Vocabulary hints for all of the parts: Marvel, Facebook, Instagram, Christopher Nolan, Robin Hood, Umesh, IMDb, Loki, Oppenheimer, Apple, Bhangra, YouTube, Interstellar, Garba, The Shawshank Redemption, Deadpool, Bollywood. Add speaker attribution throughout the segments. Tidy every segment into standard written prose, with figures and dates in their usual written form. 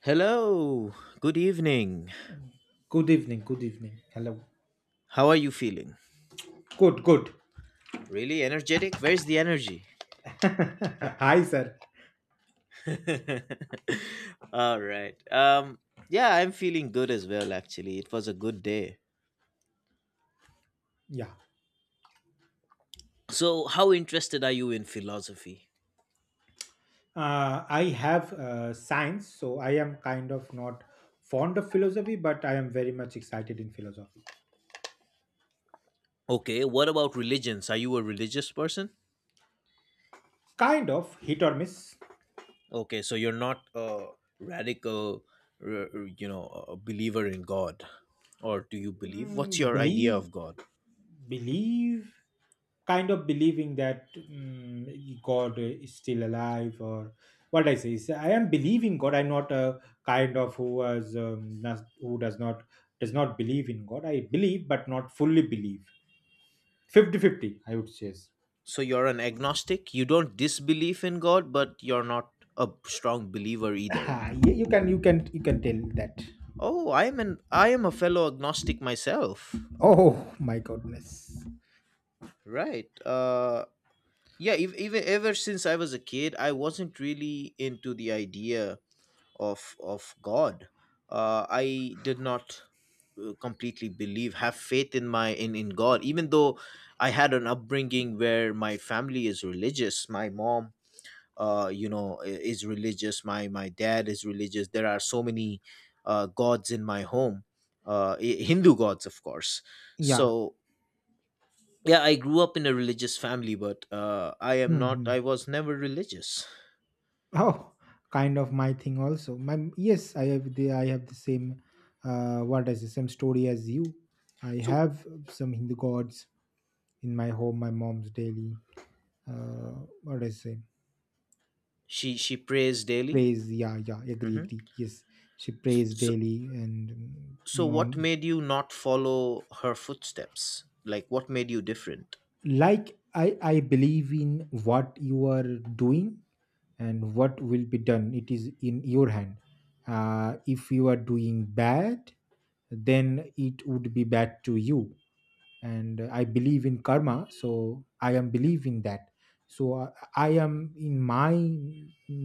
Speaker 1: Hello, good evening.
Speaker 2: Good evening. Good evening. Hello.
Speaker 1: How are you feeling?
Speaker 2: Good, good.
Speaker 1: Really energetic? Where's the energy?
Speaker 2: Hi, sir.
Speaker 1: All right. Yeah, I'm feeling good as well actually. It was a good day.
Speaker 2: Yeah.
Speaker 1: So, how interested are you in philosophy?
Speaker 2: I have science, so I am kind of not fond of philosophy, but I am very much excited in philosophy.
Speaker 1: Okay, what about religions? Are you a religious person?
Speaker 2: Kind of hit or miss.
Speaker 1: Okay, so you're not a radical a believer in God, or do you believe?
Speaker 2: Mm,
Speaker 1: What's your idea
Speaker 2: believe
Speaker 1: of God?
Speaker 2: believe kind of believing that god is still alive, or what I say is I am believing god. I'm not a kind of who has who does not believe in god. I believe, but not fully believe. 50-50, I would say.
Speaker 1: So you're an agnostic? You don't disbelieve in God, but you're not a strong believer either.
Speaker 2: Ah, yeah, you can tell that.
Speaker 1: Oh, I am a fellow agnostic myself.
Speaker 2: Oh my goodness.
Speaker 1: Right. Yeah, if, even ever since I was a kid, I wasn't really into the idea of God. I did not completely believe, have faith in my in God, even though I had an upbringing where my family is religious. My mom is religious, my dad is religious, there are so many gods in my home, Hindu gods of course.
Speaker 2: Yeah.
Speaker 1: So yeah, I grew up in a religious family, but I am not I
Speaker 2: Mhm.
Speaker 1: was never religious.
Speaker 2: Oh, kind of my thing also. My Yes, I have the same what is the same story as you. I
Speaker 1: So
Speaker 2: have some Hindu gods in my home, my mom's daily, what do I say?
Speaker 1: she prays daily.
Speaker 2: Prays, yeah, yeah, agree,
Speaker 1: Hmm.
Speaker 2: agree. Yes. She prays
Speaker 1: So
Speaker 2: daily and
Speaker 1: what
Speaker 2: mon
Speaker 1: made you not follow her footsteps? Like, what made you different?
Speaker 2: like I believe in what you are doing and what will be done. It is in your hand. If you are doing bad, then it would be bad to you. And I believe in karma, so I am believe in that. So I am in my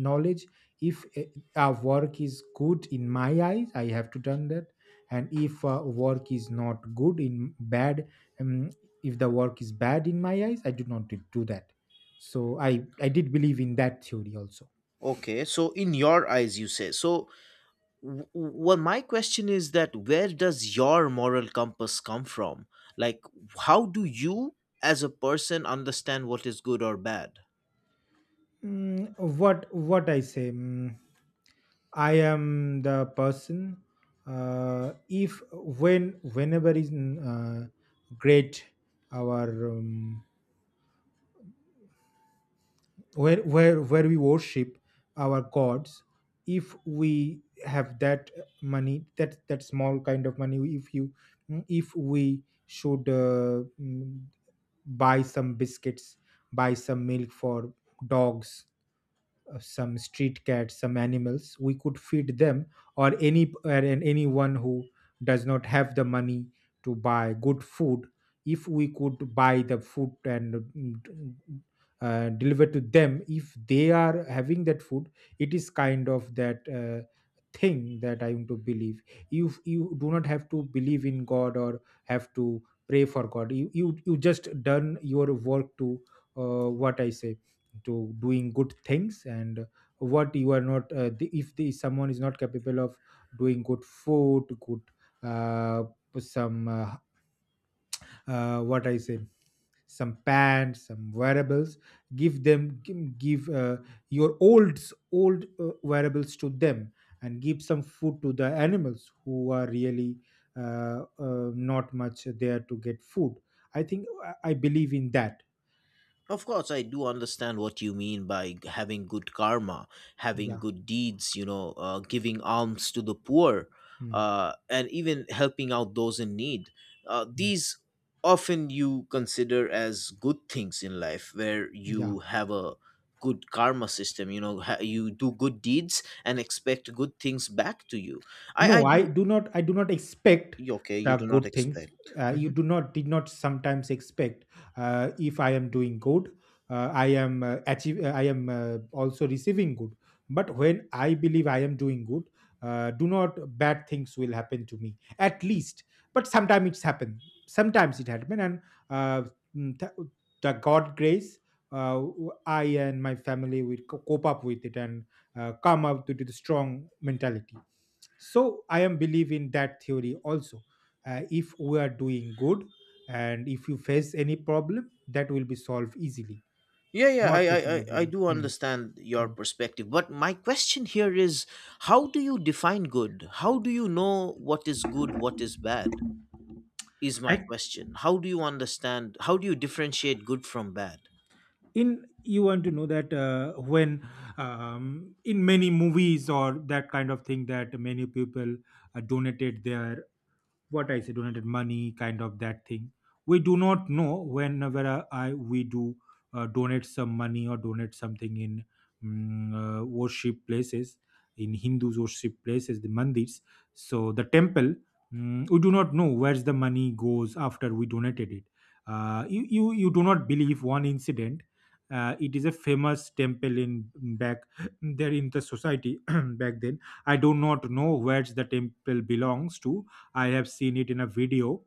Speaker 2: knowledge, if a work is good in my eyes, I have to done that. And if work is not good, in bad. um, if the work is bad in my eyes, I do not do that. So I did believe in that theory also.
Speaker 1: Okay, so in your eyes you say so. Well, my question is that where does your moral compass come from? Like, how do you as a person understand what is good or bad?
Speaker 2: What I say. I am the person. If when whenever is great, our where we worship our gods, if we have that money, that small kind of money, if you if we should buy some biscuits, buy some milk for dogs, some street cats, some animals we could feed them, or anyone who does not have the money to buy good food. If we could buy the food and deliver to them, if they are having that food. It is kind of that thing that I want to believe. You do not have to believe in god or have to pray for god. You just done your work to what I say to doing good things. And what you are not, if the someone is not capable of doing good food, good, uh, some what I say some pants, some wearables, give them, your old wearables to them. And give some food to the animals who are really not much there to get food. I think I believe in that.
Speaker 1: Of course, I do understand what you mean by having good karma, having
Speaker 2: Yeah.
Speaker 1: good deeds, giving alms to the poor,
Speaker 2: Mm,
Speaker 1: and even helping out those in need.
Speaker 2: mm,
Speaker 1: These often you consider as good things in life where
Speaker 2: yeah.
Speaker 1: you have a good karma system. You do good deeds and expect good things back to you. I
Speaker 2: No, i
Speaker 1: do.
Speaker 2: do not i do not expect
Speaker 1: Okay, you
Speaker 2: the
Speaker 1: do not
Speaker 2: good things.
Speaker 1: expect. Mm-hmm.
Speaker 2: You do not did not sometimes expect, if I am doing good, I am achieve, I am also receiving good. But when I believe I am doing good, do not bad things will happen to me, at least. But sometimes it's happened, sometimes it happened. And uh, mm, th- the god grace, I and my family will cope up with it and come up to the strong mentality. So I am believe in that theory also. If we are doing good, and if you face any problem, that will be solved easily.
Speaker 1: Yeah, yeah, I,
Speaker 2: Not
Speaker 1: I,
Speaker 2: facing a
Speaker 1: I I
Speaker 2: problem.
Speaker 1: do
Speaker 2: Hmm,
Speaker 1: understand your
Speaker 2: hmm.
Speaker 1: perspective. But my question here is, how do you define good? How do you know what is good, what is bad? Is my
Speaker 2: Ac-
Speaker 1: question. How do you understand? How do you differentiate good from bad?
Speaker 2: in, you want to know that, when in many movies or that kind of thing, that many people donated their, what I say, donated money, kind of that thing. We do not know, whenever I we do donate some money or donate something in worship places, in Hindus worship places, the mandirs. So the temple, we do not know where's the money goes after we donated it. You do not believe one incident. It is a famous temple in back there in the society, back then. I do not know where the temple belongs to. I have seen it in a video.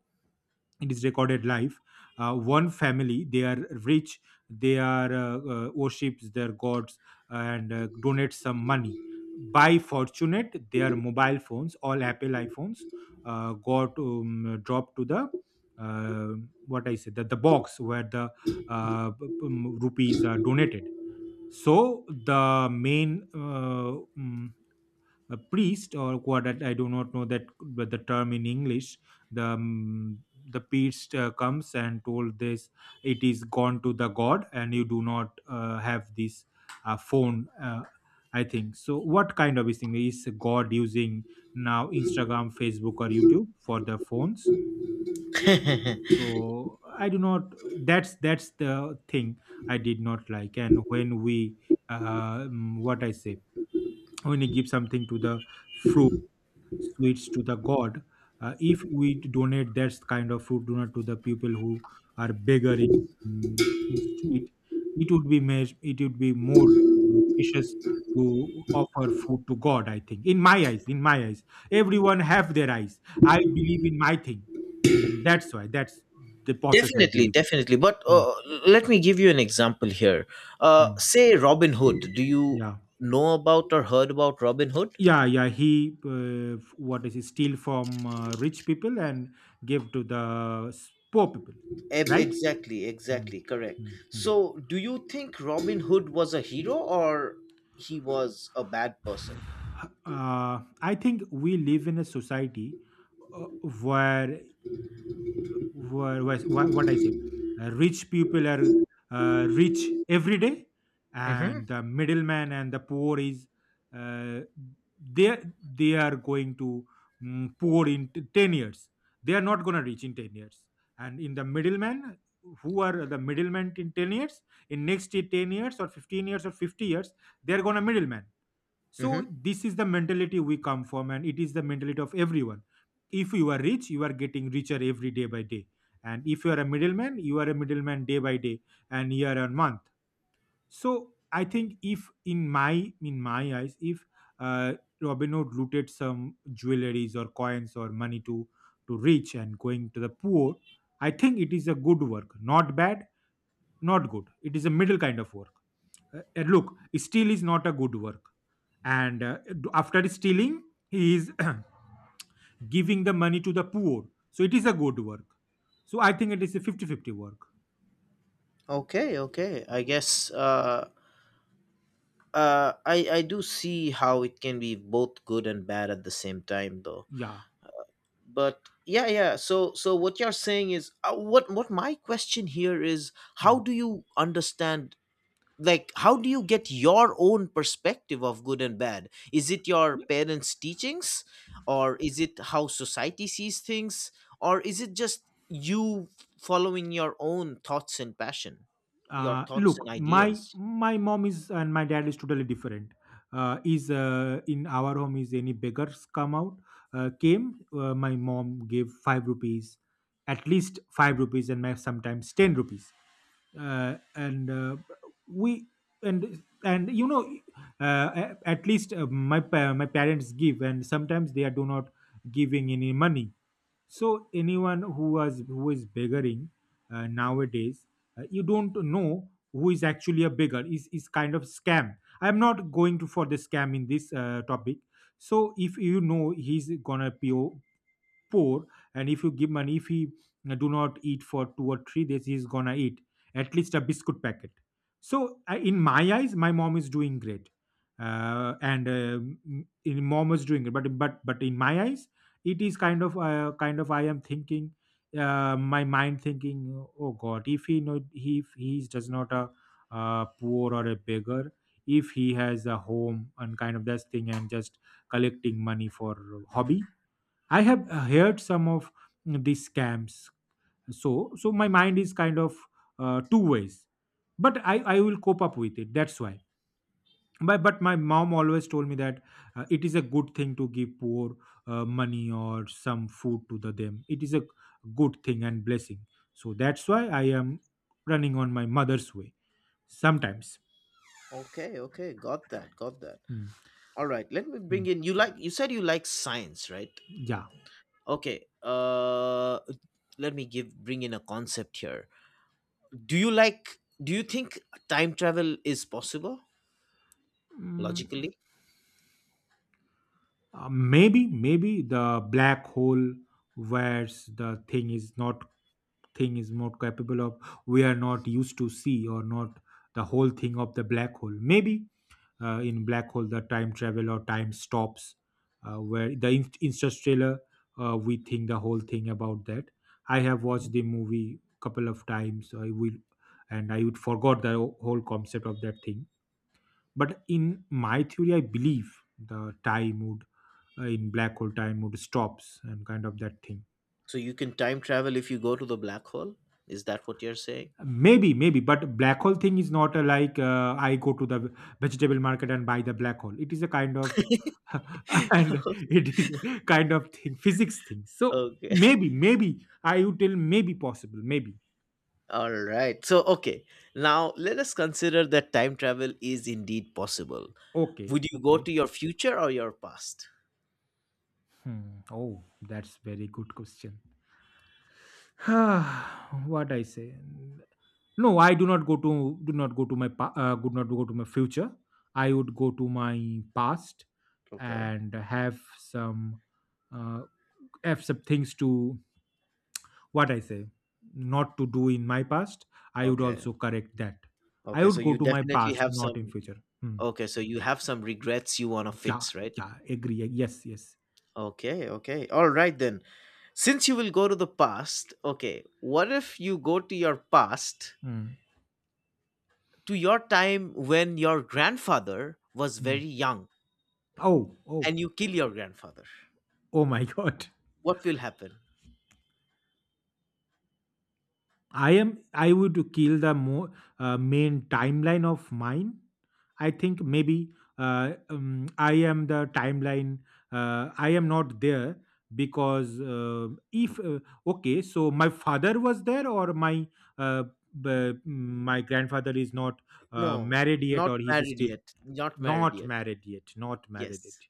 Speaker 2: It is recorded live. One family, they are rich. They are worships their gods, and donate some money. By fortunate, their mobile phones, all Apple iPhones, got dropped to the, uh, the box where the uh, p- p- rupees are donated. So the main mm, a priest, or what, I do not know that, but the term in English. The um, the priest comes and told this, it is gone to the god and you do not have this phone. I think so. What kind of thing is God using now, Instagram, Facebook, or YouTube for the phones?
Speaker 1: Definitely,
Speaker 2: So I do not. That's the thing I did not like. And when we, uh, um, what I say, when you give something to the fruit, sweets to the god, if we donate that kind of food donut to the people who are beggar in, mm, in street, it would be made, it would be more precious to offer food to god. I think, in my eyes, everyone have their eyes, I believe in my thing. That's why, that's the process I believe.
Speaker 1: definitely. But
Speaker 2: Mm,
Speaker 1: let me give you an example here.
Speaker 2: mm,
Speaker 1: Say Robin Hood. Do you
Speaker 2: yeah,
Speaker 1: know about or heard about Robin Hood?
Speaker 2: yeah, yeah, he f- what is he steal from rich people and give to the poor people. Right.
Speaker 1: Exactly,
Speaker 2: Hmm,
Speaker 1: exactly, correct.
Speaker 2: hmm, hmm.
Speaker 1: So, do you think Robin Hood was a hero, or he was a bad person?
Speaker 2: I think we live in a society, uh, where, where, what I say, rich people are rich every day,
Speaker 1: Mm-hmm.
Speaker 2: and the middleman and the poor is, uh, they are- they are going to poor in 10 years. They are not going to reach in 10 years, and in the middleman, who are the middlemen in 10 years, in next 10 years or 15 years or 50 years, they are going to middleman. So
Speaker 1: Mm-hmm.
Speaker 2: this is the mentality we come from, and it is the mentality of everyone. If you are rich, you are getting richer every day by day, and if you are a middleman, you are a middleman day by day and year on month. So I think, if in my eyes, if uh, Robin Hood looted some jewelries or coins or money to, rich and going to the poor, I think it is a good work, not bad, not good. It is a middle kind of work. And look, steal is not a good work. And after stealing, he is giving the money to the poor. So it is a good work. So I think it is a 50-50 work.
Speaker 1: Okay, okay. I guess I do see how it can be both good and bad at the same time, though.
Speaker 2: Yeah.
Speaker 1: But yeah, yeah. So, what you're saying is, what my question here is: how
Speaker 2: Mm.
Speaker 1: do you understand? Like, how do you get your own perspective of good and bad? Is it your parents' teachings, or is it how society sees things, or is it just you following your own thoughts and passion, your thoughts and
Speaker 2: Look, my
Speaker 1: ideas?
Speaker 2: my mom is, and my dad is totally different. Is In our home is, any beggars come out, came, my mom gave 5 rupees, at least 5 rupees and my sometimes 10 rupees, and we, and at least my my parents give, and sometimes they are do not giving any money. So anyone who is begging, nowadays, you don't know who is actually a beggar. Is kind of scam. I'm not going to for the scam in this topic. So if you know he's gonna pay, poor, and if you give money, if he do not eat for 2 or 3 days, he's gonna eat at least a biscuit packet. So I, in my eyes, my mom is doing great, and m- in mom is doing it, but in my eyes, it is kind of, kind of, I am thinking, my mind thinking, oh god, if he know, he if he is does not a, poor or a beggar, if he has a home and kind of this thing and just collecting money for hobby. I have heard some of these scams. So my mind is kind of two ways. But I will cope up with it. That's why. But my mom always told me that it is a good thing to give poor money or some food to the them. It is a good thing and blessing. So that's why I am running on my mother's way sometimes.
Speaker 1: Okay, okay. Got that, got that.
Speaker 2: Mm,
Speaker 1: All right, let me bring
Speaker 2: mm,
Speaker 1: in, you, like you said, you like science, right?
Speaker 2: yeah.
Speaker 1: Okay. Let me give bring in a concept here. Do you think time travel is possible,
Speaker 2: Mm.
Speaker 1: logically?
Speaker 2: Maybe, maybe the black hole, where the thing is not capable of, we are not used to see or not the whole thing of the black hole. Maybe in black hole the time travel or time stops. Where the interstellar, we think the whole thing about that. I have watched the movie couple of times I will, and I would forgot the whole concept of that thing. But in my theory I believe the time would, in black hole time would stops and kind of that thing.
Speaker 1: So you can time travel if you go to the black hole? Is that what you're saying?
Speaker 2: Maybe, maybe, but black hole thing is not a, like, I go to the vegetable market and buy the black hole. It is a kind of and it is a kind of thing, physics thing, so
Speaker 1: Okay.
Speaker 2: maybe, maybe I would tell maybe possible, maybe.
Speaker 1: All right. So, okay. Now, let us consider that time travel is indeed possible.
Speaker 2: Okay,
Speaker 1: Would you go
Speaker 2: okay.
Speaker 1: to your future or your past?
Speaker 2: Hmm. Oh, that's very good question. What I say? No, I do not go to my do not go to my future. I would go to my past
Speaker 1: Okay.
Speaker 2: and uh, have some things to, what I say, not to do in my past. I would
Speaker 1: Okay.
Speaker 2: also correct that. I
Speaker 1: Okay. So,
Speaker 2: would go
Speaker 1: you
Speaker 2: to my
Speaker 1: definitely
Speaker 2: past,
Speaker 1: have
Speaker 2: not in
Speaker 1: some.
Speaker 2: future. Hmm.
Speaker 1: Okay. So, you have some regrets you want to
Speaker 2: Yeah,
Speaker 1: fix, right?
Speaker 2: yeah, agree. Yes, yes.
Speaker 1: Okay. Okay. All right, then. Since you will go to the past, okay, what if you go to your past,
Speaker 2: Hmm,
Speaker 1: to your time when your grandfather was
Speaker 2: hmm.
Speaker 1: very young,
Speaker 2: Oh, oh,
Speaker 1: and you kill your grandfather?
Speaker 2: oh my God.
Speaker 1: What will happen?
Speaker 2: I am. I would kill the main timeline of mine. I think maybe I am the timeline. I am not there because if okay, so my father was there, or my, uh, my grandfather is not
Speaker 1: No,
Speaker 2: married yet,
Speaker 1: not
Speaker 2: or he's
Speaker 1: married
Speaker 2: still
Speaker 1: yet, not married
Speaker 2: not
Speaker 1: yet.
Speaker 2: married yet, not married
Speaker 1: Yes.
Speaker 2: yet.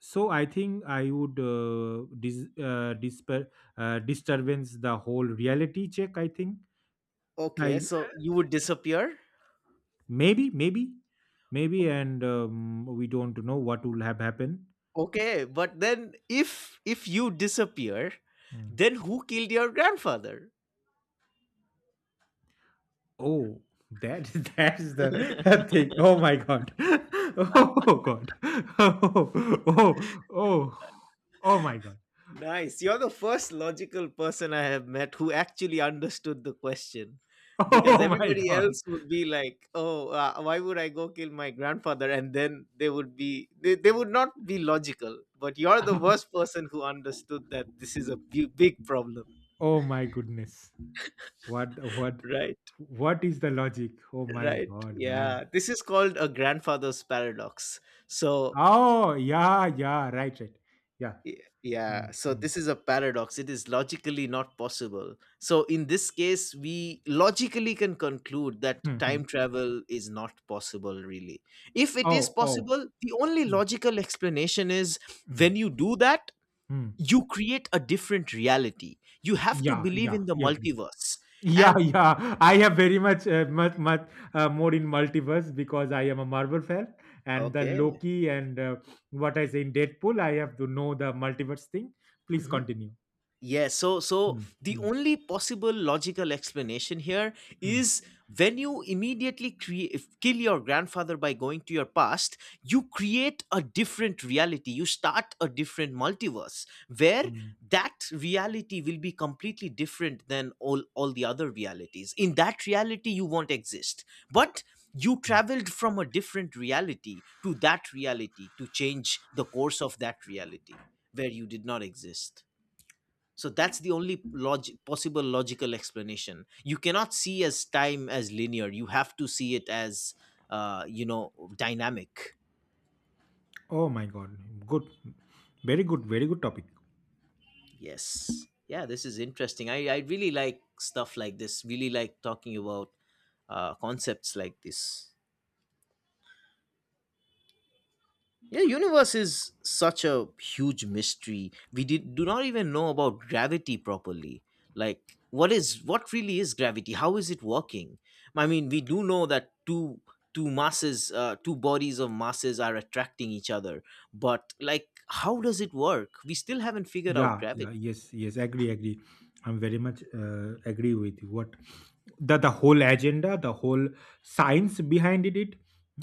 Speaker 2: So I think I would disturbance the whole reality check. I think
Speaker 1: Okay,
Speaker 2: I,
Speaker 1: so you would disappear.
Speaker 2: maybe, maybe, maybe, and we don't know what will have happened.
Speaker 1: Okay, but then if you disappear,
Speaker 2: Mm.
Speaker 1: then who killed your grandfather?
Speaker 2: Oh, that that is the thing. Oh my god. Oh god. Oh, oh, oh, oh my god.
Speaker 1: Nice. You're the first logical person I have met who actually understood the question. Because
Speaker 2: Oh my
Speaker 1: everybody
Speaker 2: god.
Speaker 1: else would be like, oh, why would I go kill my grandfather? And then they would not be logical. But you're the worst person who understood that this is a big problem.
Speaker 2: Oh my goodness. What,
Speaker 1: Right,
Speaker 2: what is the logic? Oh my
Speaker 1: right.
Speaker 2: god, man.
Speaker 1: Yeah. This is called a grandfather's paradox. So
Speaker 2: Oh yeah, yeah, right, right, yeah.
Speaker 1: Y-
Speaker 2: Mm,
Speaker 1: Yeah, so
Speaker 2: mm,
Speaker 1: this is a paradox. It is logically not possible. So, in this case, we logically can conclude that
Speaker 2: mm,
Speaker 1: time
Speaker 2: mm.
Speaker 1: travel is not possible, really. If it is
Speaker 2: Oh, oh.
Speaker 1: possible, the only
Speaker 2: Mm,
Speaker 1: logical explanation is
Speaker 2: mm,
Speaker 1: when you do that,
Speaker 2: mm.
Speaker 1: you create a different reality. You have to
Speaker 2: Yeah,
Speaker 1: believe
Speaker 2: yeah,
Speaker 1: in the
Speaker 2: yeah, agree.
Speaker 1: multiverse.
Speaker 2: Yeah,
Speaker 1: And
Speaker 2: yeah. I have very much, much, much more in multiverse because I am a Marvel fan and the
Speaker 1: okay.
Speaker 2: Loki and what I say in Deadpool. I have to know the multiverse thing. Please
Speaker 1: Mhm.
Speaker 2: continue.
Speaker 1: Yeah, so
Speaker 2: Hmm,
Speaker 1: the
Speaker 2: hmm,
Speaker 1: only possible logical explanation here
Speaker 2: hmm,
Speaker 1: is, when you immediately create kill your grandfather by going to your past, you create a different reality. You start a different multiverse where
Speaker 2: hmm,
Speaker 1: that reality will be completely different than all the other realities. In that reality, you won't exist, but you
Speaker 2: hmm.
Speaker 1: traveled from a different reality to that reality to change the course of that reality where you did not exist. So that's the only possible logical explanation. You cannot see as time as linear, you have to see it as, uh, you know dynamic.
Speaker 2: Oh my God! Good, very good, very good topic.
Speaker 1: Yes, yeah, this is interesting. I really like stuff like this, really like talking about concepts like this. Yeah, universe is such a huge mystery. We do not even know about gravity properly. Like, what really is gravity, how is it working? I mean, we do know that two masses, two bodies of masses, are attracting each other. But like, how does it work? We still haven't figured out
Speaker 2: Yeah,
Speaker 1: gravity.
Speaker 2: yeah, yes, yes. Agree, agree. I'm very much agree with you. What, the whole agenda, the whole science behind it, it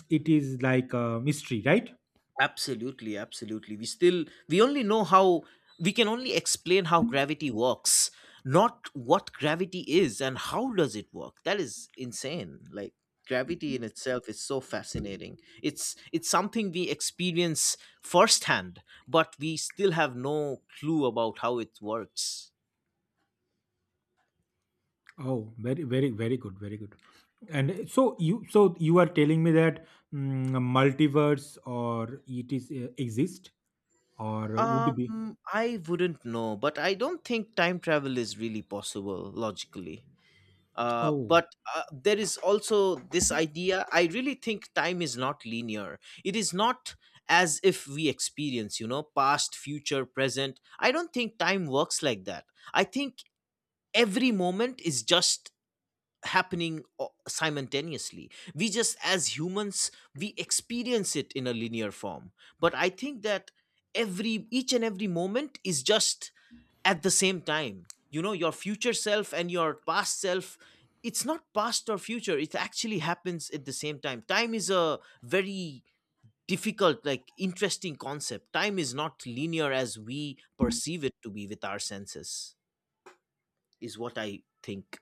Speaker 2: it is like a mystery, right?
Speaker 1: Absolutely, absolutely. We can only explain how gravity works, not what gravity is and how does it work. That is insane. Like, gravity in itself is so fascinating. It's something we experience firsthand, but we still have no clue about how it works.
Speaker 2: Oh, very, very, very good, very good. And so you are telling me that, mm, multiverse or it is exist, or would it be?
Speaker 1: I wouldn't know, but I don't think time travel is really possible, logically. uh,
Speaker 2: Oh,
Speaker 1: but uh, there is also this idea, I really think time is not linear. It is not as if we experience, past, future, present. I don't think time works like that. I think every moment is just happening simultaneously. We just, as humans, we experience it in a linear form. But I think that every each and every moment is just at the same time. You know, your future self and your past self, it's not past or future, it actually happens at the same time. Time is a very difficult, like, interesting concept. Time is not linear as we perceive it to be with our senses, is what I think.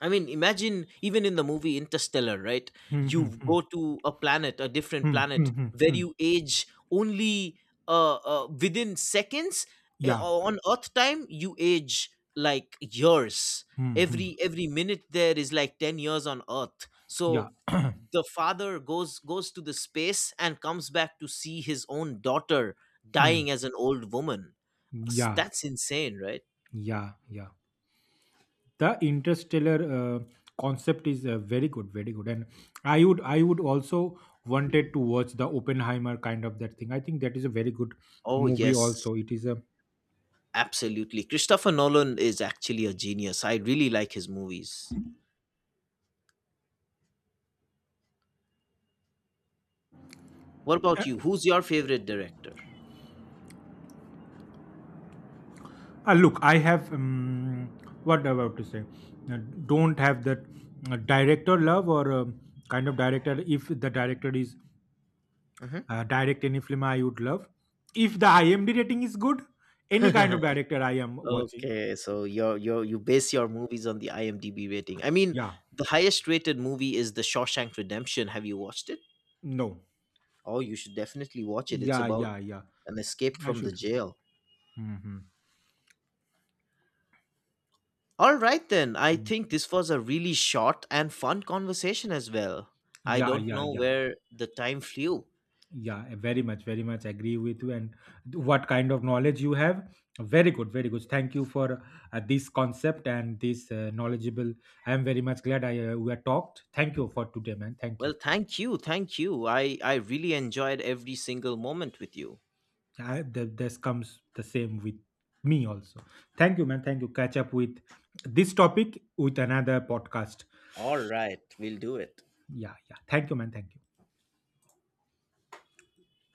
Speaker 1: I mean, imagine even in the movie Interstellar, right?
Speaker 2: hmm, hmm,
Speaker 1: You
Speaker 2: hmm,
Speaker 1: go to a planet, a different
Speaker 2: hmm, hmm,
Speaker 1: planet,
Speaker 2: hmm,
Speaker 1: where
Speaker 2: hmm,
Speaker 1: you age only within seconds. Eh,
Speaker 2: yeah,
Speaker 1: On Earth time, you age like years.
Speaker 2: hmm,
Speaker 1: Every minute there is like 10 years on Earth.
Speaker 2: yeah,
Speaker 1: So the father goes to the space and comes back to see his own daughter
Speaker 2: hmm,
Speaker 1: dying as an old woman.
Speaker 2: yeah,
Speaker 1: That's insane, right?
Speaker 2: yeah, yeah. The interstellar concept is very good, very good. And I would also wanted to watch the Oppenheimer kind of that thing. I think that is a very good
Speaker 1: Oh
Speaker 2: movie.
Speaker 1: yes,
Speaker 2: Also, it is a.
Speaker 1: absolutely. Christopher Nolan is actually a genius. I really like his movies. What about you? Who's your favorite director?
Speaker 2: Look, I have, what about to say. Uh, don't have that director love, or kind of director. If the director is
Speaker 1: Mhm.
Speaker 2: direct any film, I would love. If the IMDb rating is good, any kind of director I am watching.
Speaker 1: Okay, so you base your movies on the IMDb rating. I mean,
Speaker 2: Yeah,
Speaker 1: the highest rated movie is The Shawshank Redemption. Have you watched it?
Speaker 2: no.
Speaker 1: Oh, you should definitely watch it. It's
Speaker 2: Yeah,
Speaker 1: about
Speaker 2: yeah, yeah.
Speaker 1: an escape
Speaker 2: I
Speaker 1: from the
Speaker 2: should.
Speaker 1: jail.
Speaker 2: Hmm.
Speaker 1: All right, then. I think this was a really short and fun conversation as well. I
Speaker 2: Yeah,
Speaker 1: don't
Speaker 2: yeah,
Speaker 1: know
Speaker 2: yeah.
Speaker 1: where the time flew.
Speaker 2: Yeah, I very much, very much agree with you. And what kind of knowledge you have? Very good, very good. Thank you for this concept and this knowledgeable. I am very much glad I we are talked. Thank you for today, man. Thank
Speaker 1: Well,
Speaker 2: you.
Speaker 1: thank you. Thank you. I really enjoyed every single moment with you.
Speaker 2: I, the, this comes the same with me also. Thank you, man. Thank you. Catch up with this topic with another podcast.
Speaker 1: All right, we'll do it.
Speaker 2: Yeah, yeah. Thank you, man. Thank you.